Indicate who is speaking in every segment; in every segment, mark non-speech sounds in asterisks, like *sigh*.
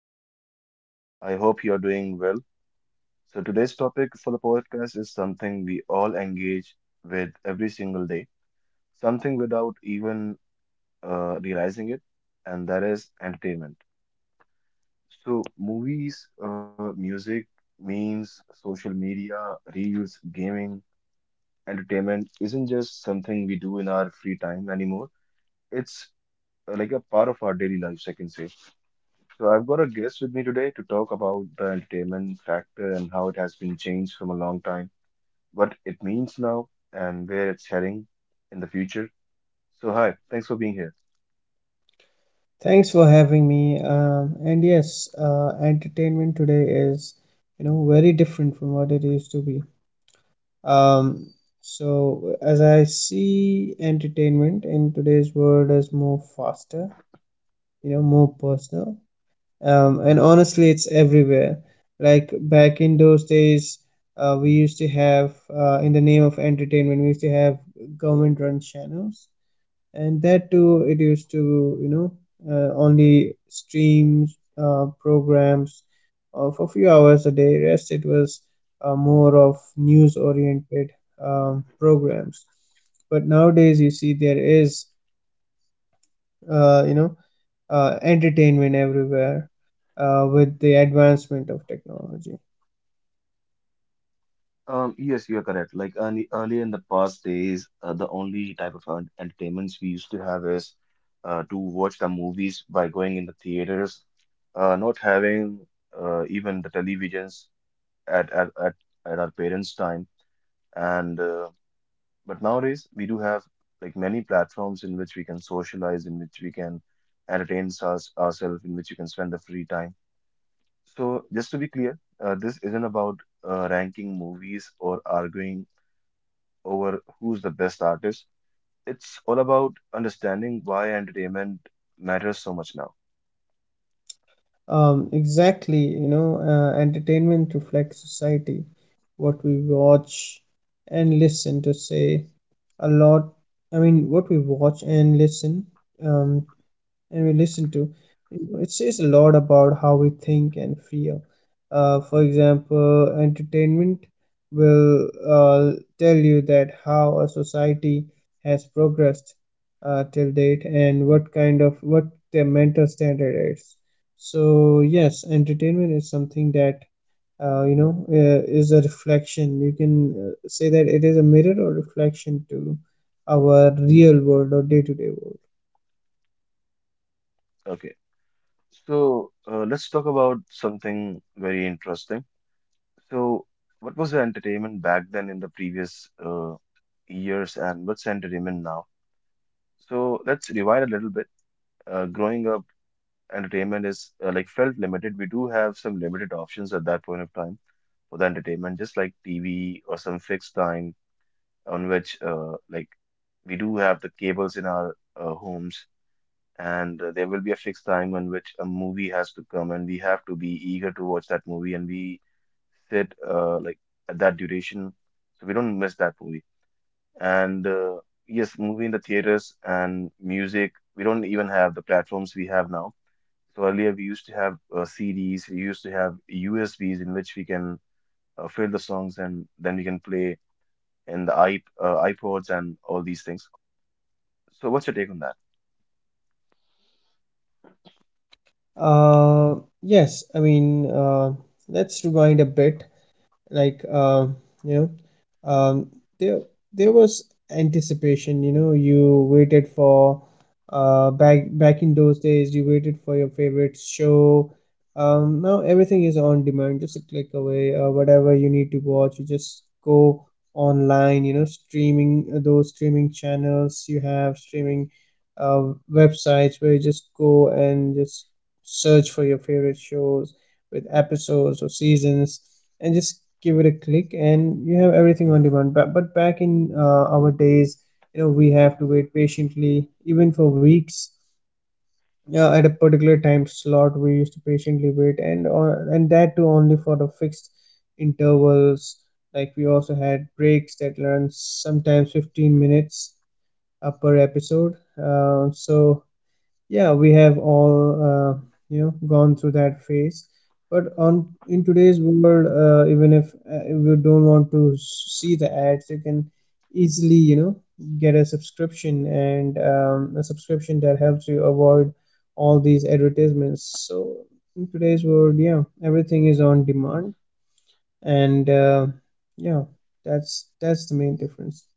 Speaker 1: podcast. I hope you are doing well. So, today's topic for the podcast is something we all engage with every single day, something without even realizing it, and that is entertainment. So, movies, music, memes, social media, reels, gaming, entertainment isn't just something we do in our free time anymore. It's like a part of our daily lives, I can say. So I've got a guest with me today to talk about the entertainment factor and how it has been changed from a long time, what it means now, and where it's heading in the future. So hi, thanks for being here.
Speaker 2: Thanks for having me. And yes, entertainment today is, you know, very different from what it used to be. Um, so as I see entertainment in today's world as more faster, you know, more personal. And honestly, it's everywhere. Like back in those days, we used to have, in the name of entertainment, we used to have government-run channels, and that too, it used to, you know, only streams programs a few hours a day. Rest, it was more of news oriented programs. But nowadays you see there is, you know, entertainment everywhere with the advancement of technology.
Speaker 1: Yes, you are correct. Like earlier in the past days, the only type of entertainments we used to have is to watch the movies by going in the theaters, not having even the televisions at, at, at, at our parents' time. And But nowadays, we do have like many platforms in which we can socialize, in which we can entertain ourselves, in which you can spend the free time. So, just to be clear, this isn't about ranking movies or arguing over who's the best artist. It's all about understanding why entertainment matters so much now.
Speaker 2: Exactly, you know, entertainment reflects society. What we watch and listen to say a lot. I mean, what we watch and listen, um, and we listen to, it says a lot about how we think and feel. For example, entertainment will uh, tell you that how a society has progressed till date, and what kind of, what their mental standard is. So yes, entertainment is something that, you know, is a reflection. You can say that it is a mirror or reflection to our real world or day-to-day world.
Speaker 1: Okay, so let's talk about something very interesting. So, what was the entertainment back then in the previous years, and what's entertainment now? So let's rewind a little bit. Growing up, entertainment is like felt limited. We do have some limited options at that point of time for the entertainment, just like TV or some fixed time on which we do have the cables in our homes, and there will be a fixed time on which a movie has to come, and we have to be eager to watch that movie, and we sit at that duration, so we don't miss that movie. And Yes, movie in the theaters and music, we don't even have the platforms we have now. So earlier we used to have CDs, we used to have USBs in which we can fill the songs and then we can play in the iP iPods and all these things. So what's your take on that?
Speaker 2: Uh, yes, I mean, let's rewind a bit, like, you know, um, there there was anticipation. You know, you waited for, back in those days, you waited for your favorite show. Now everything is on demand, just a click away. Whatever you need to watch, you just go online. You know, streaming, those streaming channels, you have streaming uh, websites where you just go and just search for your favorite shows with episodes or seasons, and just give it a click and you have everything on demand. But back in our days, you know, we have to wait patiently, even for weeks, at a particular time slot. We used to patiently wait, and or and that too only for the fixed intervals. Like we also had breaks that run sometimes 15 minutes per episode. So yeah, we have all uh, you know gone through that phase. But on in today's world, even if, if you don't want to see the ads, you can easily, you know, get a subscription, and a subscription that helps you avoid all these advertisements. So in today's world, yeah, everything is on demand, and yeah, that's the main difference.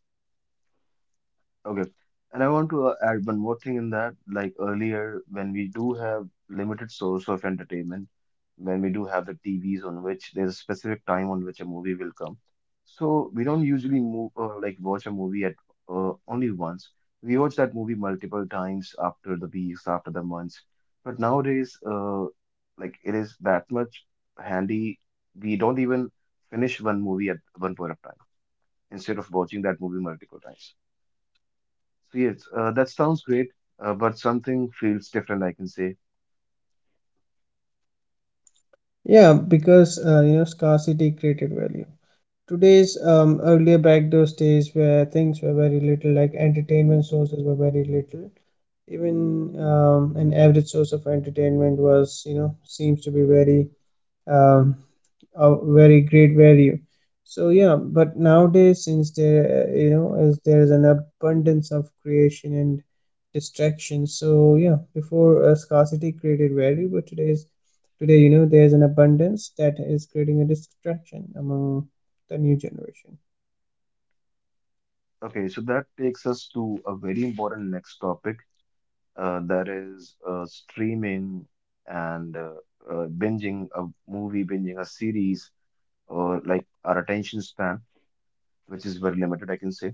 Speaker 1: Okay. And I want to add one more thing in that, like earlier, when we do have limited source of entertainment, when we do have the TVs on which there's a specific time on which a movie will come. So we don't usually move like watch a movie at only once. We watch that movie multiple times after the weeks, after the months. But nowadays, like it is that much handy. We don't even finish one movie at one point of time instead of watching that movie multiple times. So yes, that sounds great, but something feels different, I can say.
Speaker 2: Yeah, because, you know, scarcity created value. Today's earlier back those days where things were very little, like entertainment sources were very little. Even, an average source of entertainment was, you know, seems to be very, um, a very great value. So yeah, but nowadays, since there is an abundance of creation and distraction. So yeah, before, scarcity created value, but today, you know, there's an abundance that is creating a distraction among the new generation.
Speaker 1: Okay, so that takes us to a very important next topic, that is streaming and binging a movie, binging a series, or like our attention span, which is very limited, I can say.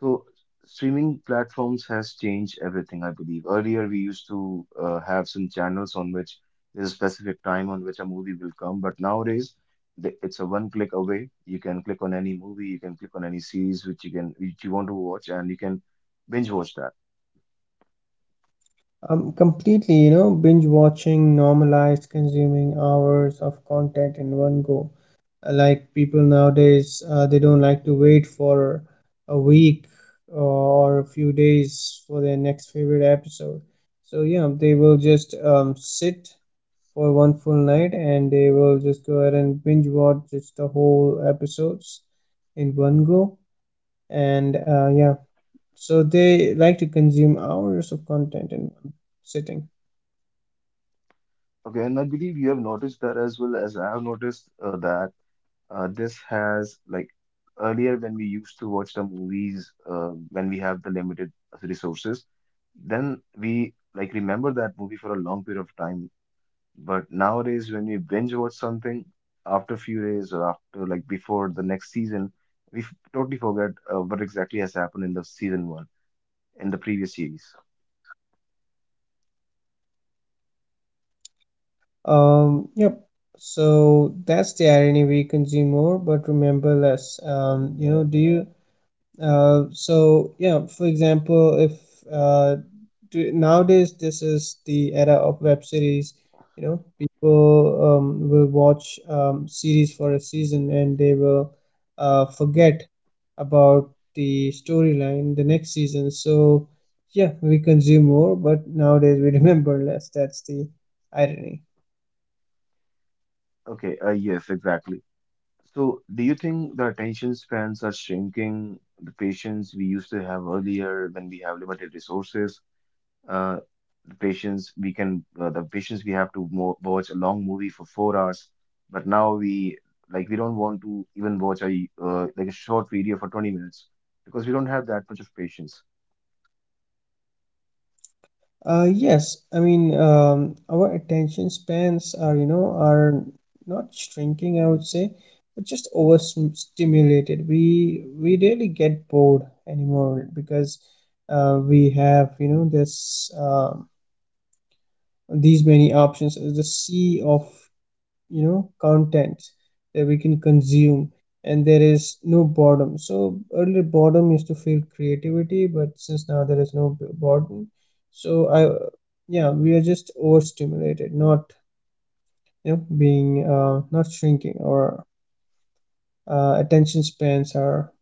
Speaker 1: So streaming platforms has changed everything, I believe. Earlier, we used to have some channels on which there's a specific time on which a movie will come, but nowadays it's a one click away. You can click on any movie, you can click on any series which you want to watch, and you can binge watch that.
Speaker 2: Completely, you know, binge watching normalized consuming hours of content in one go. Like people nowadays, they don't like to wait for a week, or a few days, for their next favorite episode. So yeah, they will just sit for one full night, and they will just go ahead and binge watch just the whole episodes in one go. And yeah, so they like to consume hours of content in one sitting.
Speaker 1: Okay, and I believe you have noticed that as well as I have noticed that this has like earlier when we used to watch the movies when we have the limited resources then we like remember that movie for a long period of time. But nowadays, when we binge watch something after few days or after like before the next season, we totally forget what exactly has happened in the season one in the previous series.
Speaker 2: Yep. So that's the irony. We consume more but remember less. You know, do you? So yeah. For example, if uh, do, nowadays this is the era of web series. You know, people will watch series for a season, and they will forget about the storyline the next season. So yeah, we consume more, but nowadays we *laughs* remember less. That's the irony.
Speaker 1: Okay, yes, exactly. So, do you think the attention spans are shrinking? The patience we used to have earlier when we have limited resources, uh, the patients we have to mo watch a long movie for 4 hours, but now we like we don't want to even watch a like a short video for 20 minutes because we don't have that much of patience.
Speaker 2: Yes, I mean, our attention spans are, you know, are not shrinking, I would say, but just overstimulated. We really get bored anymore, because, we have, you know, this these many options, the sea of, you know, content that we can consume, and there is no boredom. So earlier boredom used to feel creativity, but since now there is no boredom, so I yeah, we are just overstimulated, not, you know, being, not shrinking, or attention spans are,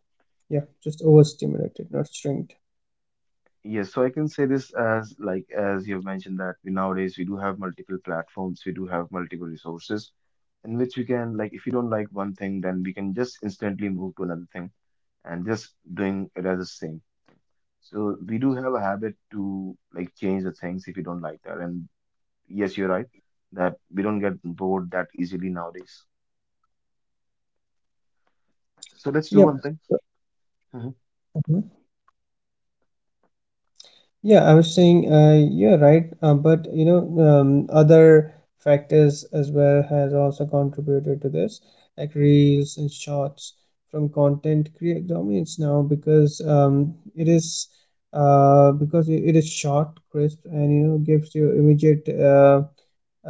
Speaker 2: yeah, just overstimulated, not shrinked.
Speaker 1: Yes, so I can say this as like as you've mentioned that we nowadays we do have multiple platforms, we do have multiple resources in which we can like if you don't like one thing then we can just instantly move to another thing and just doing it as the same. So we do have a habit to like change the things if you don't like that. And yes, you're right that we don't get bored that easily nowadays. So let's do one
Speaker 2: Yep.
Speaker 1: thing. Mhm.
Speaker 2: Mm-hmm. Yeah, I was saying, you're right, but you know, other factors as well has also contributed to this, like reels and shorts from content create dominates now, because it is, because it is short, crisp, and you know gives you immediate, uh,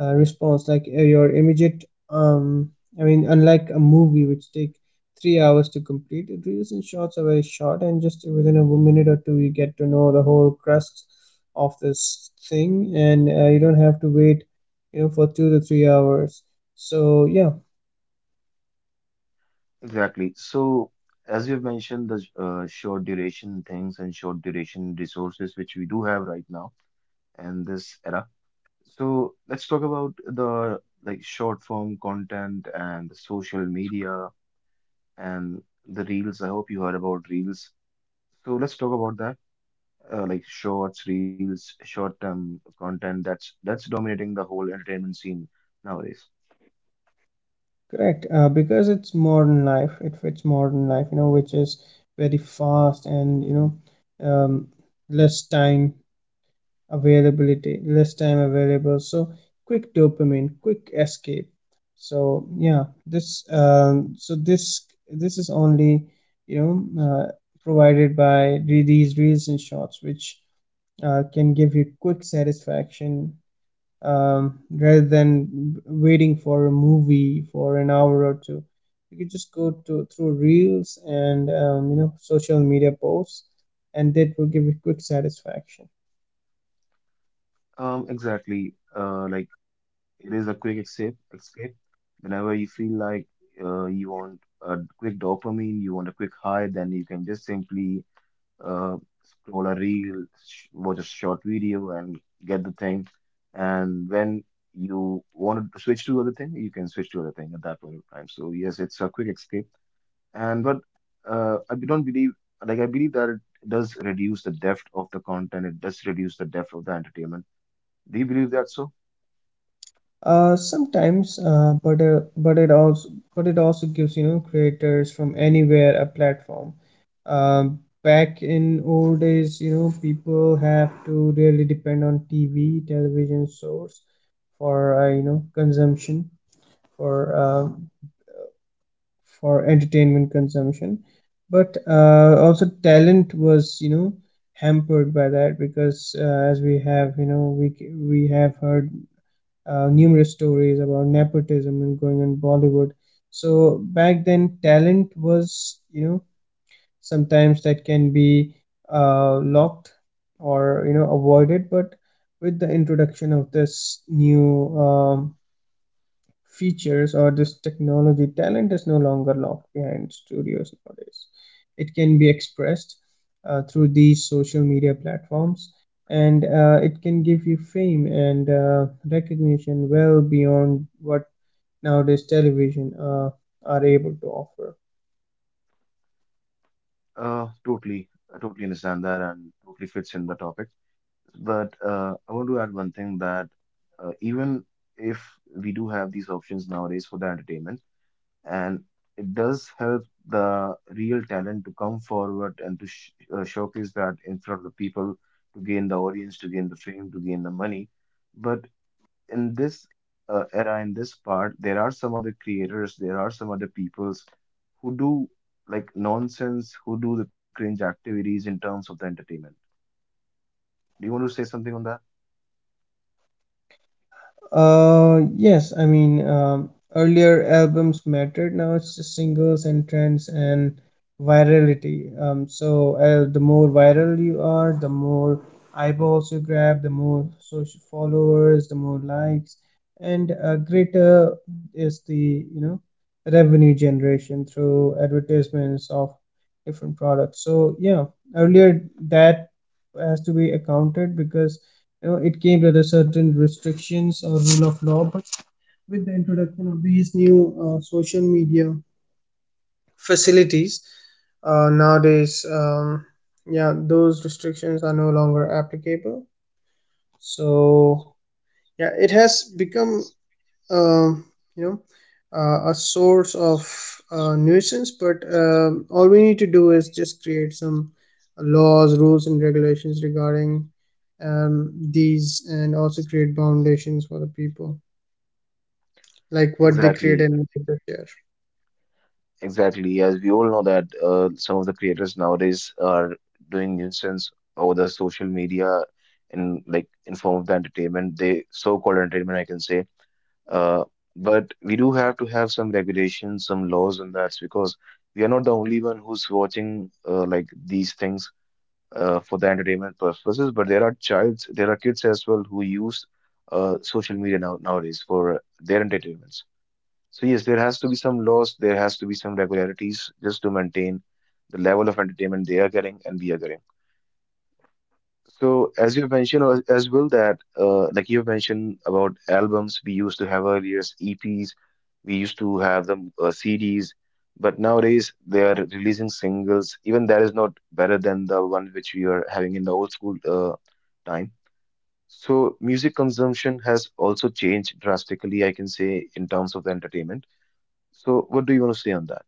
Speaker 2: uh, response, like, your immediate, I mean, unlike a movie which take 3 hours to complete, it reels and shorts are very short, and just within a minute or two you get to know the whole crust of this thing, and you don't have to wait, you know, for 2 to 3 hours. So yeah.
Speaker 1: Exactly. So as you've mentioned, the short duration things and short duration resources which we do have right now in this era. So let's talk about the like short form content and the social media and the reels. I hope you heard about reels. So let's talk about that. Like shorts, reels, short-term content that's dominating the whole entertainment scene nowadays.
Speaker 2: Correct, because it's modern life. It fits modern life, you know, which is very fast, and you know, um, less time availability, less time available. So quick dopamine, quick escape. So yeah, this so this is only, you know, provided by these reels and shorts, which can give you quick satisfaction, rather than waiting for a movie for an hour or two. You could just go to through reels and, you know, social media posts, and that will give you quick satisfaction.
Speaker 1: Exactly. Like it is a quick escape. Escape. Whenever you feel like you want a quick dopamine, you want a quick high, then you can just simply uh, scroll a reel, sh watch a short video, and get the thing. And when you want to switch to other thing, you can switch to other thing at that point of time. So yes, it's a quick escape, and but I don't believe like I believe that it does reduce the depth of the content. It does reduce the depth of the entertainment. Do you believe that so?
Speaker 2: Sometimes, but it also, but it also gives, you know, creators from anywhere a platform. Back in old days, you know, people have to really depend on TV, television source for, you know, consumption, for, for entertainment consumption. But also talent was, you know, hampered by that, because, as we have, you know, we have heard numerous stories about nepotism and going on Bollywood. So back then, talent was, you know, sometimes that can be locked or, you know, avoided. But with the introduction of this new, features or this technology, talent is no longer locked behind studios nowadays. It can be expressed through these social media platforms, and it can give you fame and recognition well beyond what nowadays television are able to offer.
Speaker 1: Totally, I totally understand that and totally fits in the topic. But I want to add one thing that even if we do have these options nowadays for the entertainment, and it does help the real talent to come forward and to sh showcase that in front of the people to gain the audience, to gain the fame, to gain the money. But in this era, in this part, there are some other creators, there are some other peoples who do like nonsense, who do the cringe activities in terms of the entertainment. Do you want to say something on that?
Speaker 2: Yes, I mean, earlier albums mattered. Now it's just singles and trends and virality. The more viral you are, the more eyeballs you grab, the more social followers, the more likes, and greater is the, you know, revenue generation through advertisements of different products. So yeah, earlier that has to be accounted, because, you know, it came with a certain restrictions or rule of law, but with the introduction of these new, social media facilities, nowadays, yeah, those restrictions are no longer applicable. So yeah, it has become, um, you know, a source of nuisance, but all we need to do is just create some laws, rules and regulations regarding, um, these, and also create foundations for the people, like what they create
Speaker 1: Exactly,
Speaker 2: and what they share.
Speaker 1: exactly. As we all know that some of the creators nowadays are doing nuisance over the social media in like in form of the entertainment. They so-called entertainment, I can say. Uh, but we do have to have some regulations, some laws on that because we are not the only one who's watching like these things for the entertainment purposes. But there are childs, there are kids as well who use social media nowadays for their entertainments. So yes, there has to be some laws, there has to be some regularities just to maintain the level of entertainment they are getting and we are getting. So as you mentioned as well that like you mentioned about albums, we used to have earlier EPs, we used to have them CDs, but nowadays they are releasing singles, even that is not better than the one which we are having in the old school time. So music consumption has also changed drastically, I can say, in terms of the entertainment. So what do you want to say on that?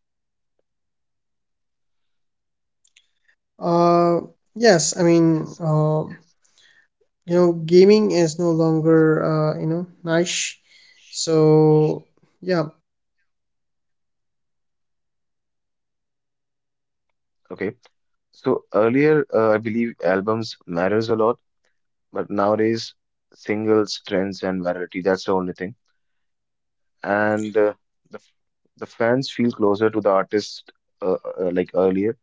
Speaker 2: Uh, yes, I mean, you know, gaming is no longer, you know, niche. So, yeah,
Speaker 1: Okay, so earlier, I believe albums matters a lot. But nowadays, singles, trends, and variety, that's the only thing. And the, f- the fans feel closer to the artist, uh, like earlier.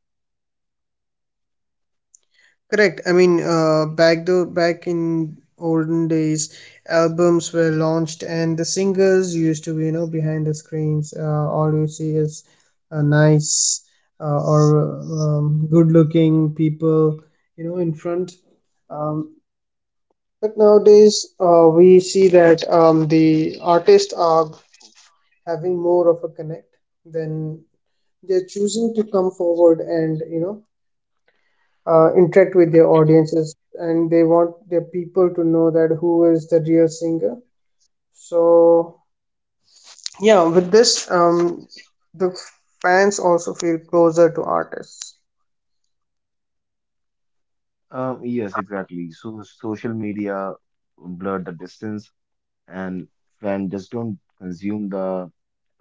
Speaker 2: correct. I mean, back though, back in olden days, albums were launched and the singers used to be, you know, behind the screens. All you see is a nice or good-looking people, you know, in front. Um, But nowadays, we see that the artists are having more of a connect. Then they're choosing to come forward, and you know, interact with their audiences, and they want their people to know that who is the real singer. So yeah, with this, the fans also feel closer to artists.
Speaker 1: Yes, exactly. So social media blurred the distance, and fans just don't consume the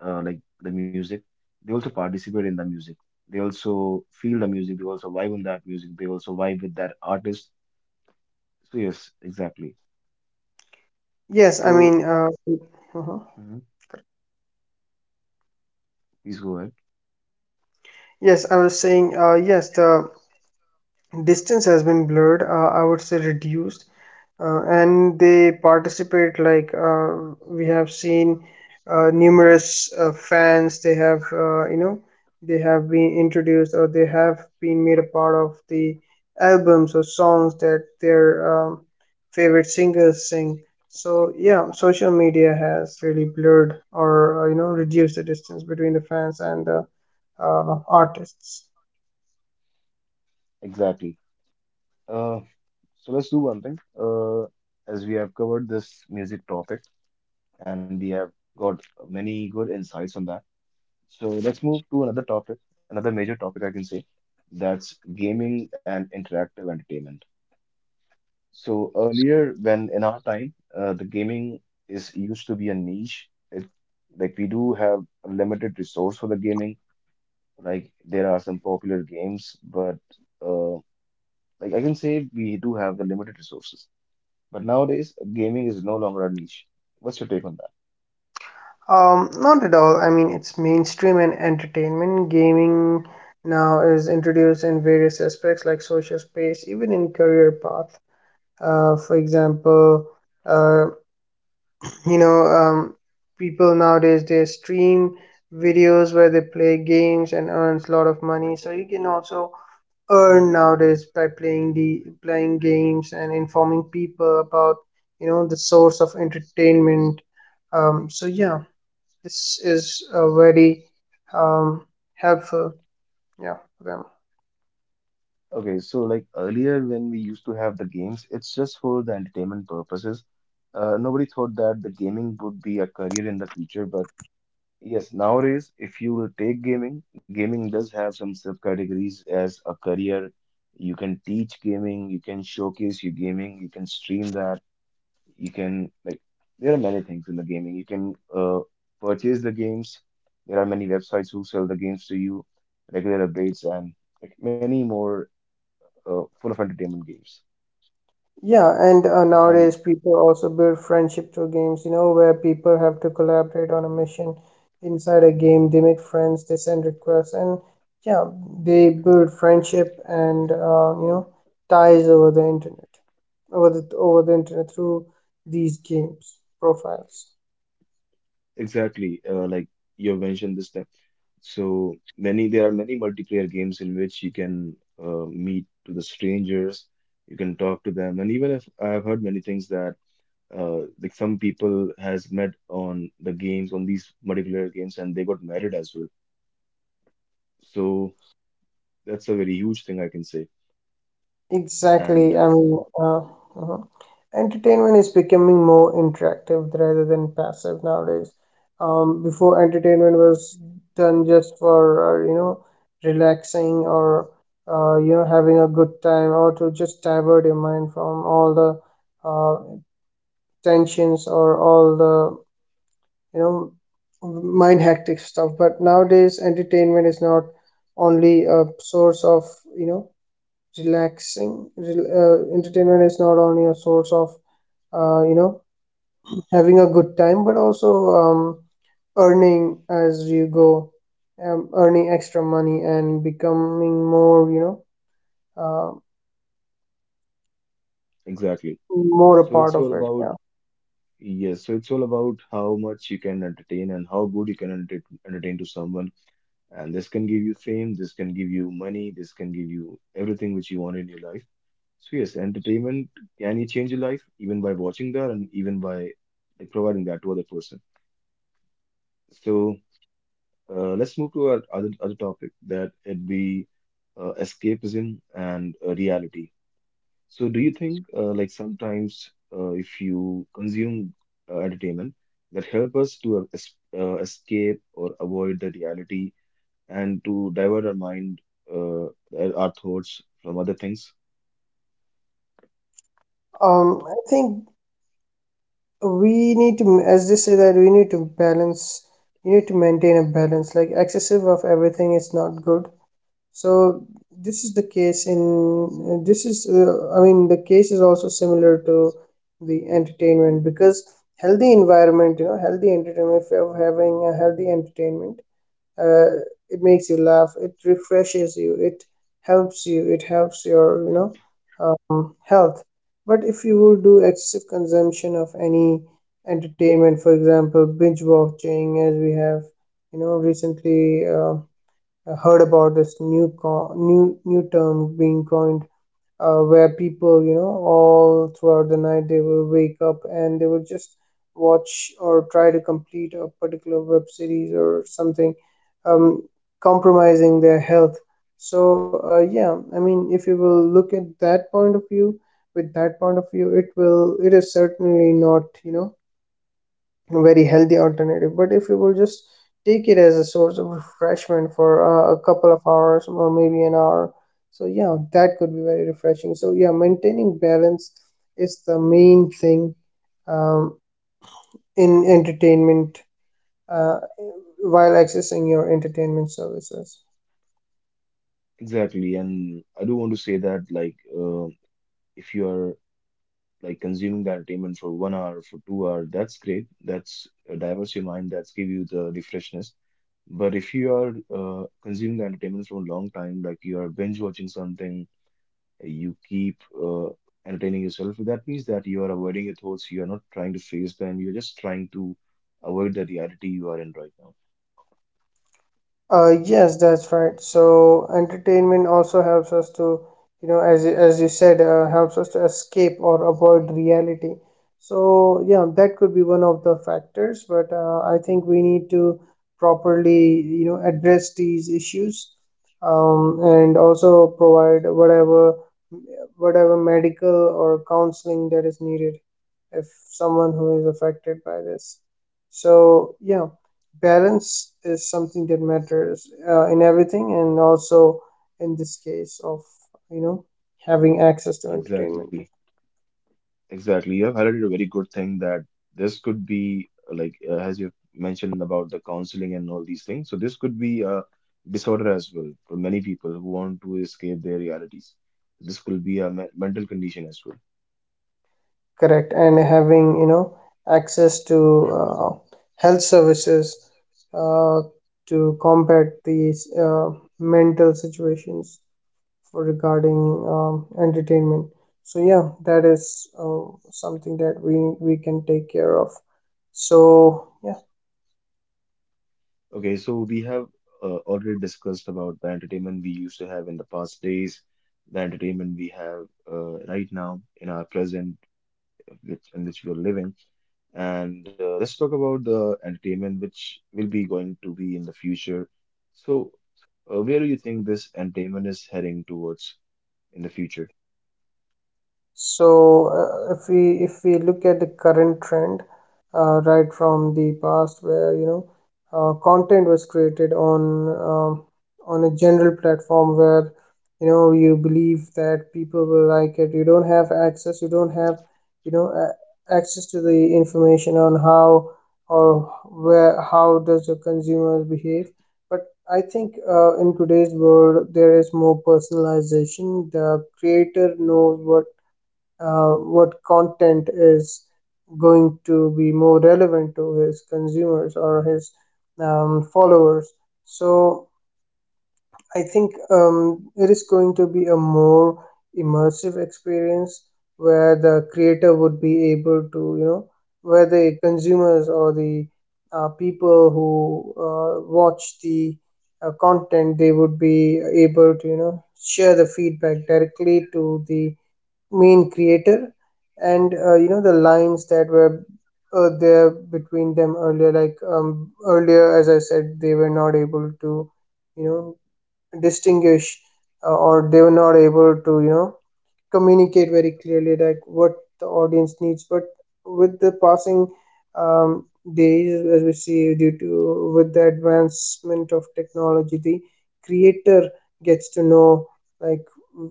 Speaker 1: like the music. They also participate in the music. They also feel the music. They also vibe on that music. They also vibe with that artist. So yes, exactly.
Speaker 2: Yes, I
Speaker 1: So
Speaker 2: mean, uh, uh-huh.
Speaker 1: mhm, please go ahead.
Speaker 2: Yes, I was saying, yes, the distance has been blurred. I would say reduced, and they participate, like, we have seen numerous fans, they have, you know, they have been introduced, or they have been made a part of the albums or songs that their, um, favorite singers sing. So yeah, social media has really blurred or, you know, reduced the distance between the fans and the artists.
Speaker 1: Exactly. Uh, so let's do one thing. As we have covered this music topic and we have got many good insights on that. So let's move to another topic, another major topic I can say, that's gaming and interactive entertainment. So earlier, when in our time, the gaming is used to be a niche. It like we do have a limited resource for the gaming. Like there are some popular games, but uh, like I can say we do have the limited resources. But nowadays, gaming is no longer a niche. What's your take on that?
Speaker 2: Not at all. I mean, it's mainstream and entertainment. Gaming now is introduced in various aspects, like social space, even in career path. For example, uh, you know, um, people nowadays they stream videos where they play games and earns a lot of money. So you can also earn nowadays by playing the playing games, and informing people about, you know, the source of entertainment. So yeah. This is very, um, helpful, yeah, for them.
Speaker 1: Okay, so like earlier when we used to have the games, it's just for the entertainment purposes. Nobody thought that the gaming would be a career in the future, but yes, nowadays, if you will take gaming, gaming does have some subcategories as a career. You can teach gaming, you can showcase your gaming, you can stream that. You can like There are many things in the gaming. You can purchase the games. There are many websites who sell the games to you, regular updates, and like many more full of entertainment games.
Speaker 2: Yeah, and
Speaker 1: And
Speaker 2: nowadays people also build friendship through games, you know, where people have to collaborate on a mission inside a game. They make friends, they send requests, and yeah, they build friendship and you know ties over the internet, over the internet through these games profiles.
Speaker 1: exactly, like you mentioned this time. So many There are many multiplayer games in which you can meet to the strangers, you can talk to them, and even if I've heard many things that like some people has met on the games on these multiplayer games and they got married as well. So that's a very huge thing I can say.
Speaker 2: Exactly.
Speaker 1: And
Speaker 2: Mhm. Entertainment is becoming more interactive rather than passive nowadays. Before, entertainment was done just for, uh, you know, relaxing, or having a good time, or to just divert your mind from all the uh, tensions, or all the, you know, mind hectic stuff. But nowadays, entertainment is not only a source of, you know, relaxing rel entertainment is not only a source of uh, you know having a good time, but also um, earning as you go, earning extra money, and becoming more, uh,
Speaker 1: Exactly.
Speaker 2: more a
Speaker 1: So
Speaker 2: part
Speaker 1: it's
Speaker 2: of
Speaker 1: all
Speaker 2: it,
Speaker 1: about,
Speaker 2: yeah.
Speaker 1: yes, so it's all about how much you can entertain and how good you can entertain to someone. And this can give you fame, this can give you money, this can give you everything which you want in your life. So yes, entertainment can you change your life even by watching that and even by like providing that to other person. So let's move to our other topic that it be escapism and reality. So, do you think like sometimes if you consume entertainment that help us to es escape or avoid the reality and to divert our mind, uh, our thoughts from other things?
Speaker 2: I think we need to, as they say, that we need to balance. You need to maintain a balance, like excessive of everything is not good. So this is the case in this is I mean, the case is also similar to the entertainment, because healthy environment, you know, healthy entertainment, if you're having a healthy entertainment, uh, it makes you laugh, it refreshes you, it helps you, it helps your, you know, health. But if you will do excessive consumption of any entertainment, for example binge watching, as we have, you know, recently heard about this new co- new new term being coined, where people, you know, all throughout the night they will wake up and they will just watch or try to complete a particular web series or something, um, compromising their health. So yeah, I mean if you will look at that point of view, with that point of view, it will, it is certainly not, you know, very healthy alternative. But if you will just take it as a source of refreshment for a couple of hours or maybe an hour, so yeah, that could be very refreshing. So yeah, maintaining balance is the main thing, um, in entertainment, uh, while accessing your entertainment services.
Speaker 1: Exactly, and I do want to say that like uh, if you are like consuming the entertainment for 1 hour, for 2 hour, that's great. That's diverts your mind. That's give you the refreshness. But if you are consuming the entertainment for a long time, like you are binge watching something you keep entertaining yourself, that means that you are avoiding your thoughts. You are not trying to face them. You're just trying to avoid the reality you are in right now.
Speaker 2: Yes, that's right. So entertainment also helps us to, you know, as you said, helps us to escape or avoid reality. So yeah, that could be one of the factors, but I think we need to properly, you know, address these issues, and also provide whatever whatever medical or counseling that is needed, if someone who is affected by this. So yeah, balance is something that matters in everything, and also in this case of, you know, having access to
Speaker 1: Exactly.
Speaker 2: entertainment.
Speaker 1: Exactly. You have highlighted a very good thing that this could be as you mentioned about the counseling and all these things. So this could be a disorder as well for many people who want to escape their realities. This could be a me mental condition as well.
Speaker 2: Correct, and having, you know, access to health services, uh, to combat these mental situations, for regarding entertainment. So yeah, that is something that we can take care of. So yeah.
Speaker 1: Okay, so we have already discussed about the entertainment we used to have in the past days, the entertainment we have right now in our present, which in which we are living, and let's talk about the entertainment which will be going to be in the future. So, where do you think this entertainment is heading towards in the future?
Speaker 2: So, if we look at the current trend, right from the past, where, you know, content was created on, um, on a general platform where, you know, you believe that people will like it. You don't have access, you don't have, you know a- access to the information on how or where, how does the consumers behave. But I think in today's world, there is more personalization. The creator knows what content is going to be more relevant to his consumers or his followers. So I think it is going to be a more immersive experience, where the creator would be able to, you know, where the consumers or the people who watch the content, they would be able to, you know, share the feedback directly to the main creator. And you know, the lines that were there between them earlier, like earlier, as I said, they were not able to, you know, distinguish, or they were not able to, you know, communicate very clearly like what the audience needs. But with the passing um, days, as we see, due to with the advancement of technology, the creator gets to know, like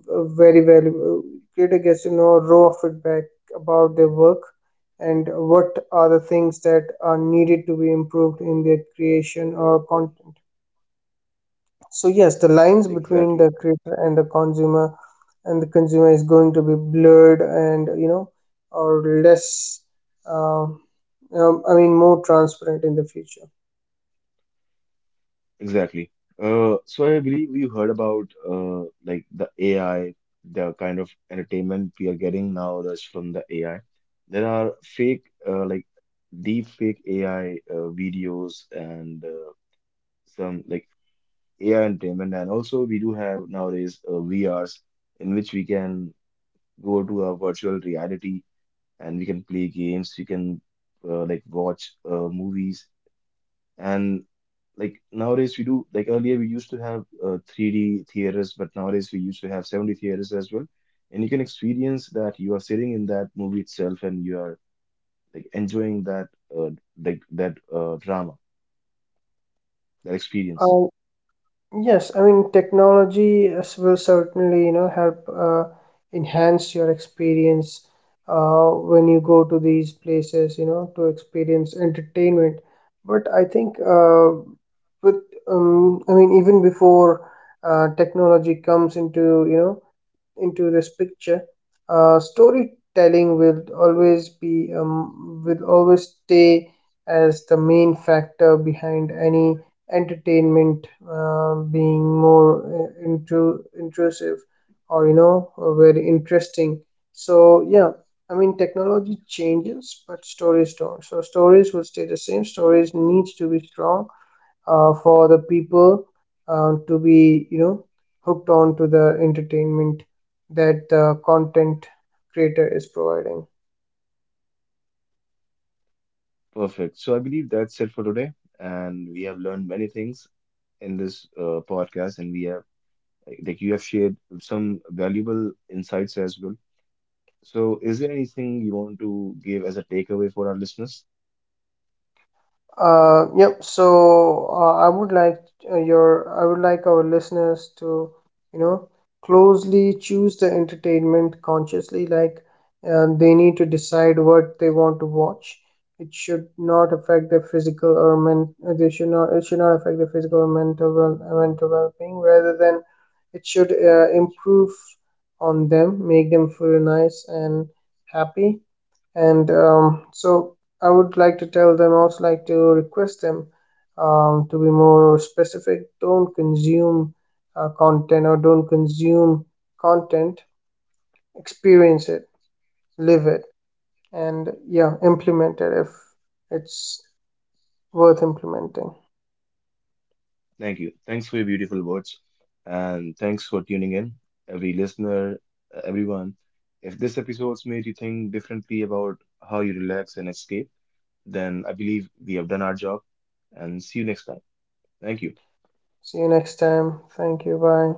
Speaker 2: very valuable. Creator gets to know raw feedback about their work, and what are the things that are needed to be improved in their creation or content. So yes, the lines between
Speaker 1: Exactly.
Speaker 2: the creator and the consumer is going to be blurred, and, you know, or less, I mean more transparent in the future.
Speaker 1: Exactly. So I believe you heard about like the AI, the kind of entertainment we are getting now that's from the AI. There are fake, like deep fake AI videos and some like AI entertainment, and also we do have nowadays VRs in which we can go to a virtual reality and we can play games, we can like watch movies, and like nowadays we do like earlier we used to have 3D theaters, but nowadays we used to have 70 theaters as well. And you can experience that you are sitting in that movie itself and you are like enjoying that uh, like that drama, that experience.
Speaker 2: Um, Yes, I mean will certainly, you know, help enhance your experience when you go to these places, you know, to experience entertainment. But I think with, I mean even before technology comes into, you know, into this picture, storytelling will always be, will always stay as the main factor behind any entertainment being more intrusive, or, you know, very interesting. So yeah, I mean technology changes, but stories don't. So stories will stay the same. Stories needs to be strong for the people to be, you know, hooked on to the entertainment that the content creator is providing.
Speaker 1: Perfect. So I believe that's it for today, and we have learned many things in this podcast, and we have like you have shared some valuable insights as well. So is there anything you want to give as a takeaway for our listeners?
Speaker 2: Yep. So I would like your I would like our listeners to, you know, closely choose the entertainment consciously. Like they need to decide what they want to watch. It should not affect their physical or men. They should not. It should not affect their physical or mental well being. Rather than it should improve on them, make them feel nice and happy. And so I would like to tell them also, like to request them, to be more specific. Don't consume content or don't consume content. Experience it, live it, and yeah, implement it if it's worth implementing.
Speaker 1: Thank you. Thanks for your beautiful words. And thanks for tuning in, every listener, everyone. If this episode's made you think differently about how you relax and escape, then I believe we have done our job. And see you next time. Thank you.
Speaker 2: See you next time. Thank you. Bye.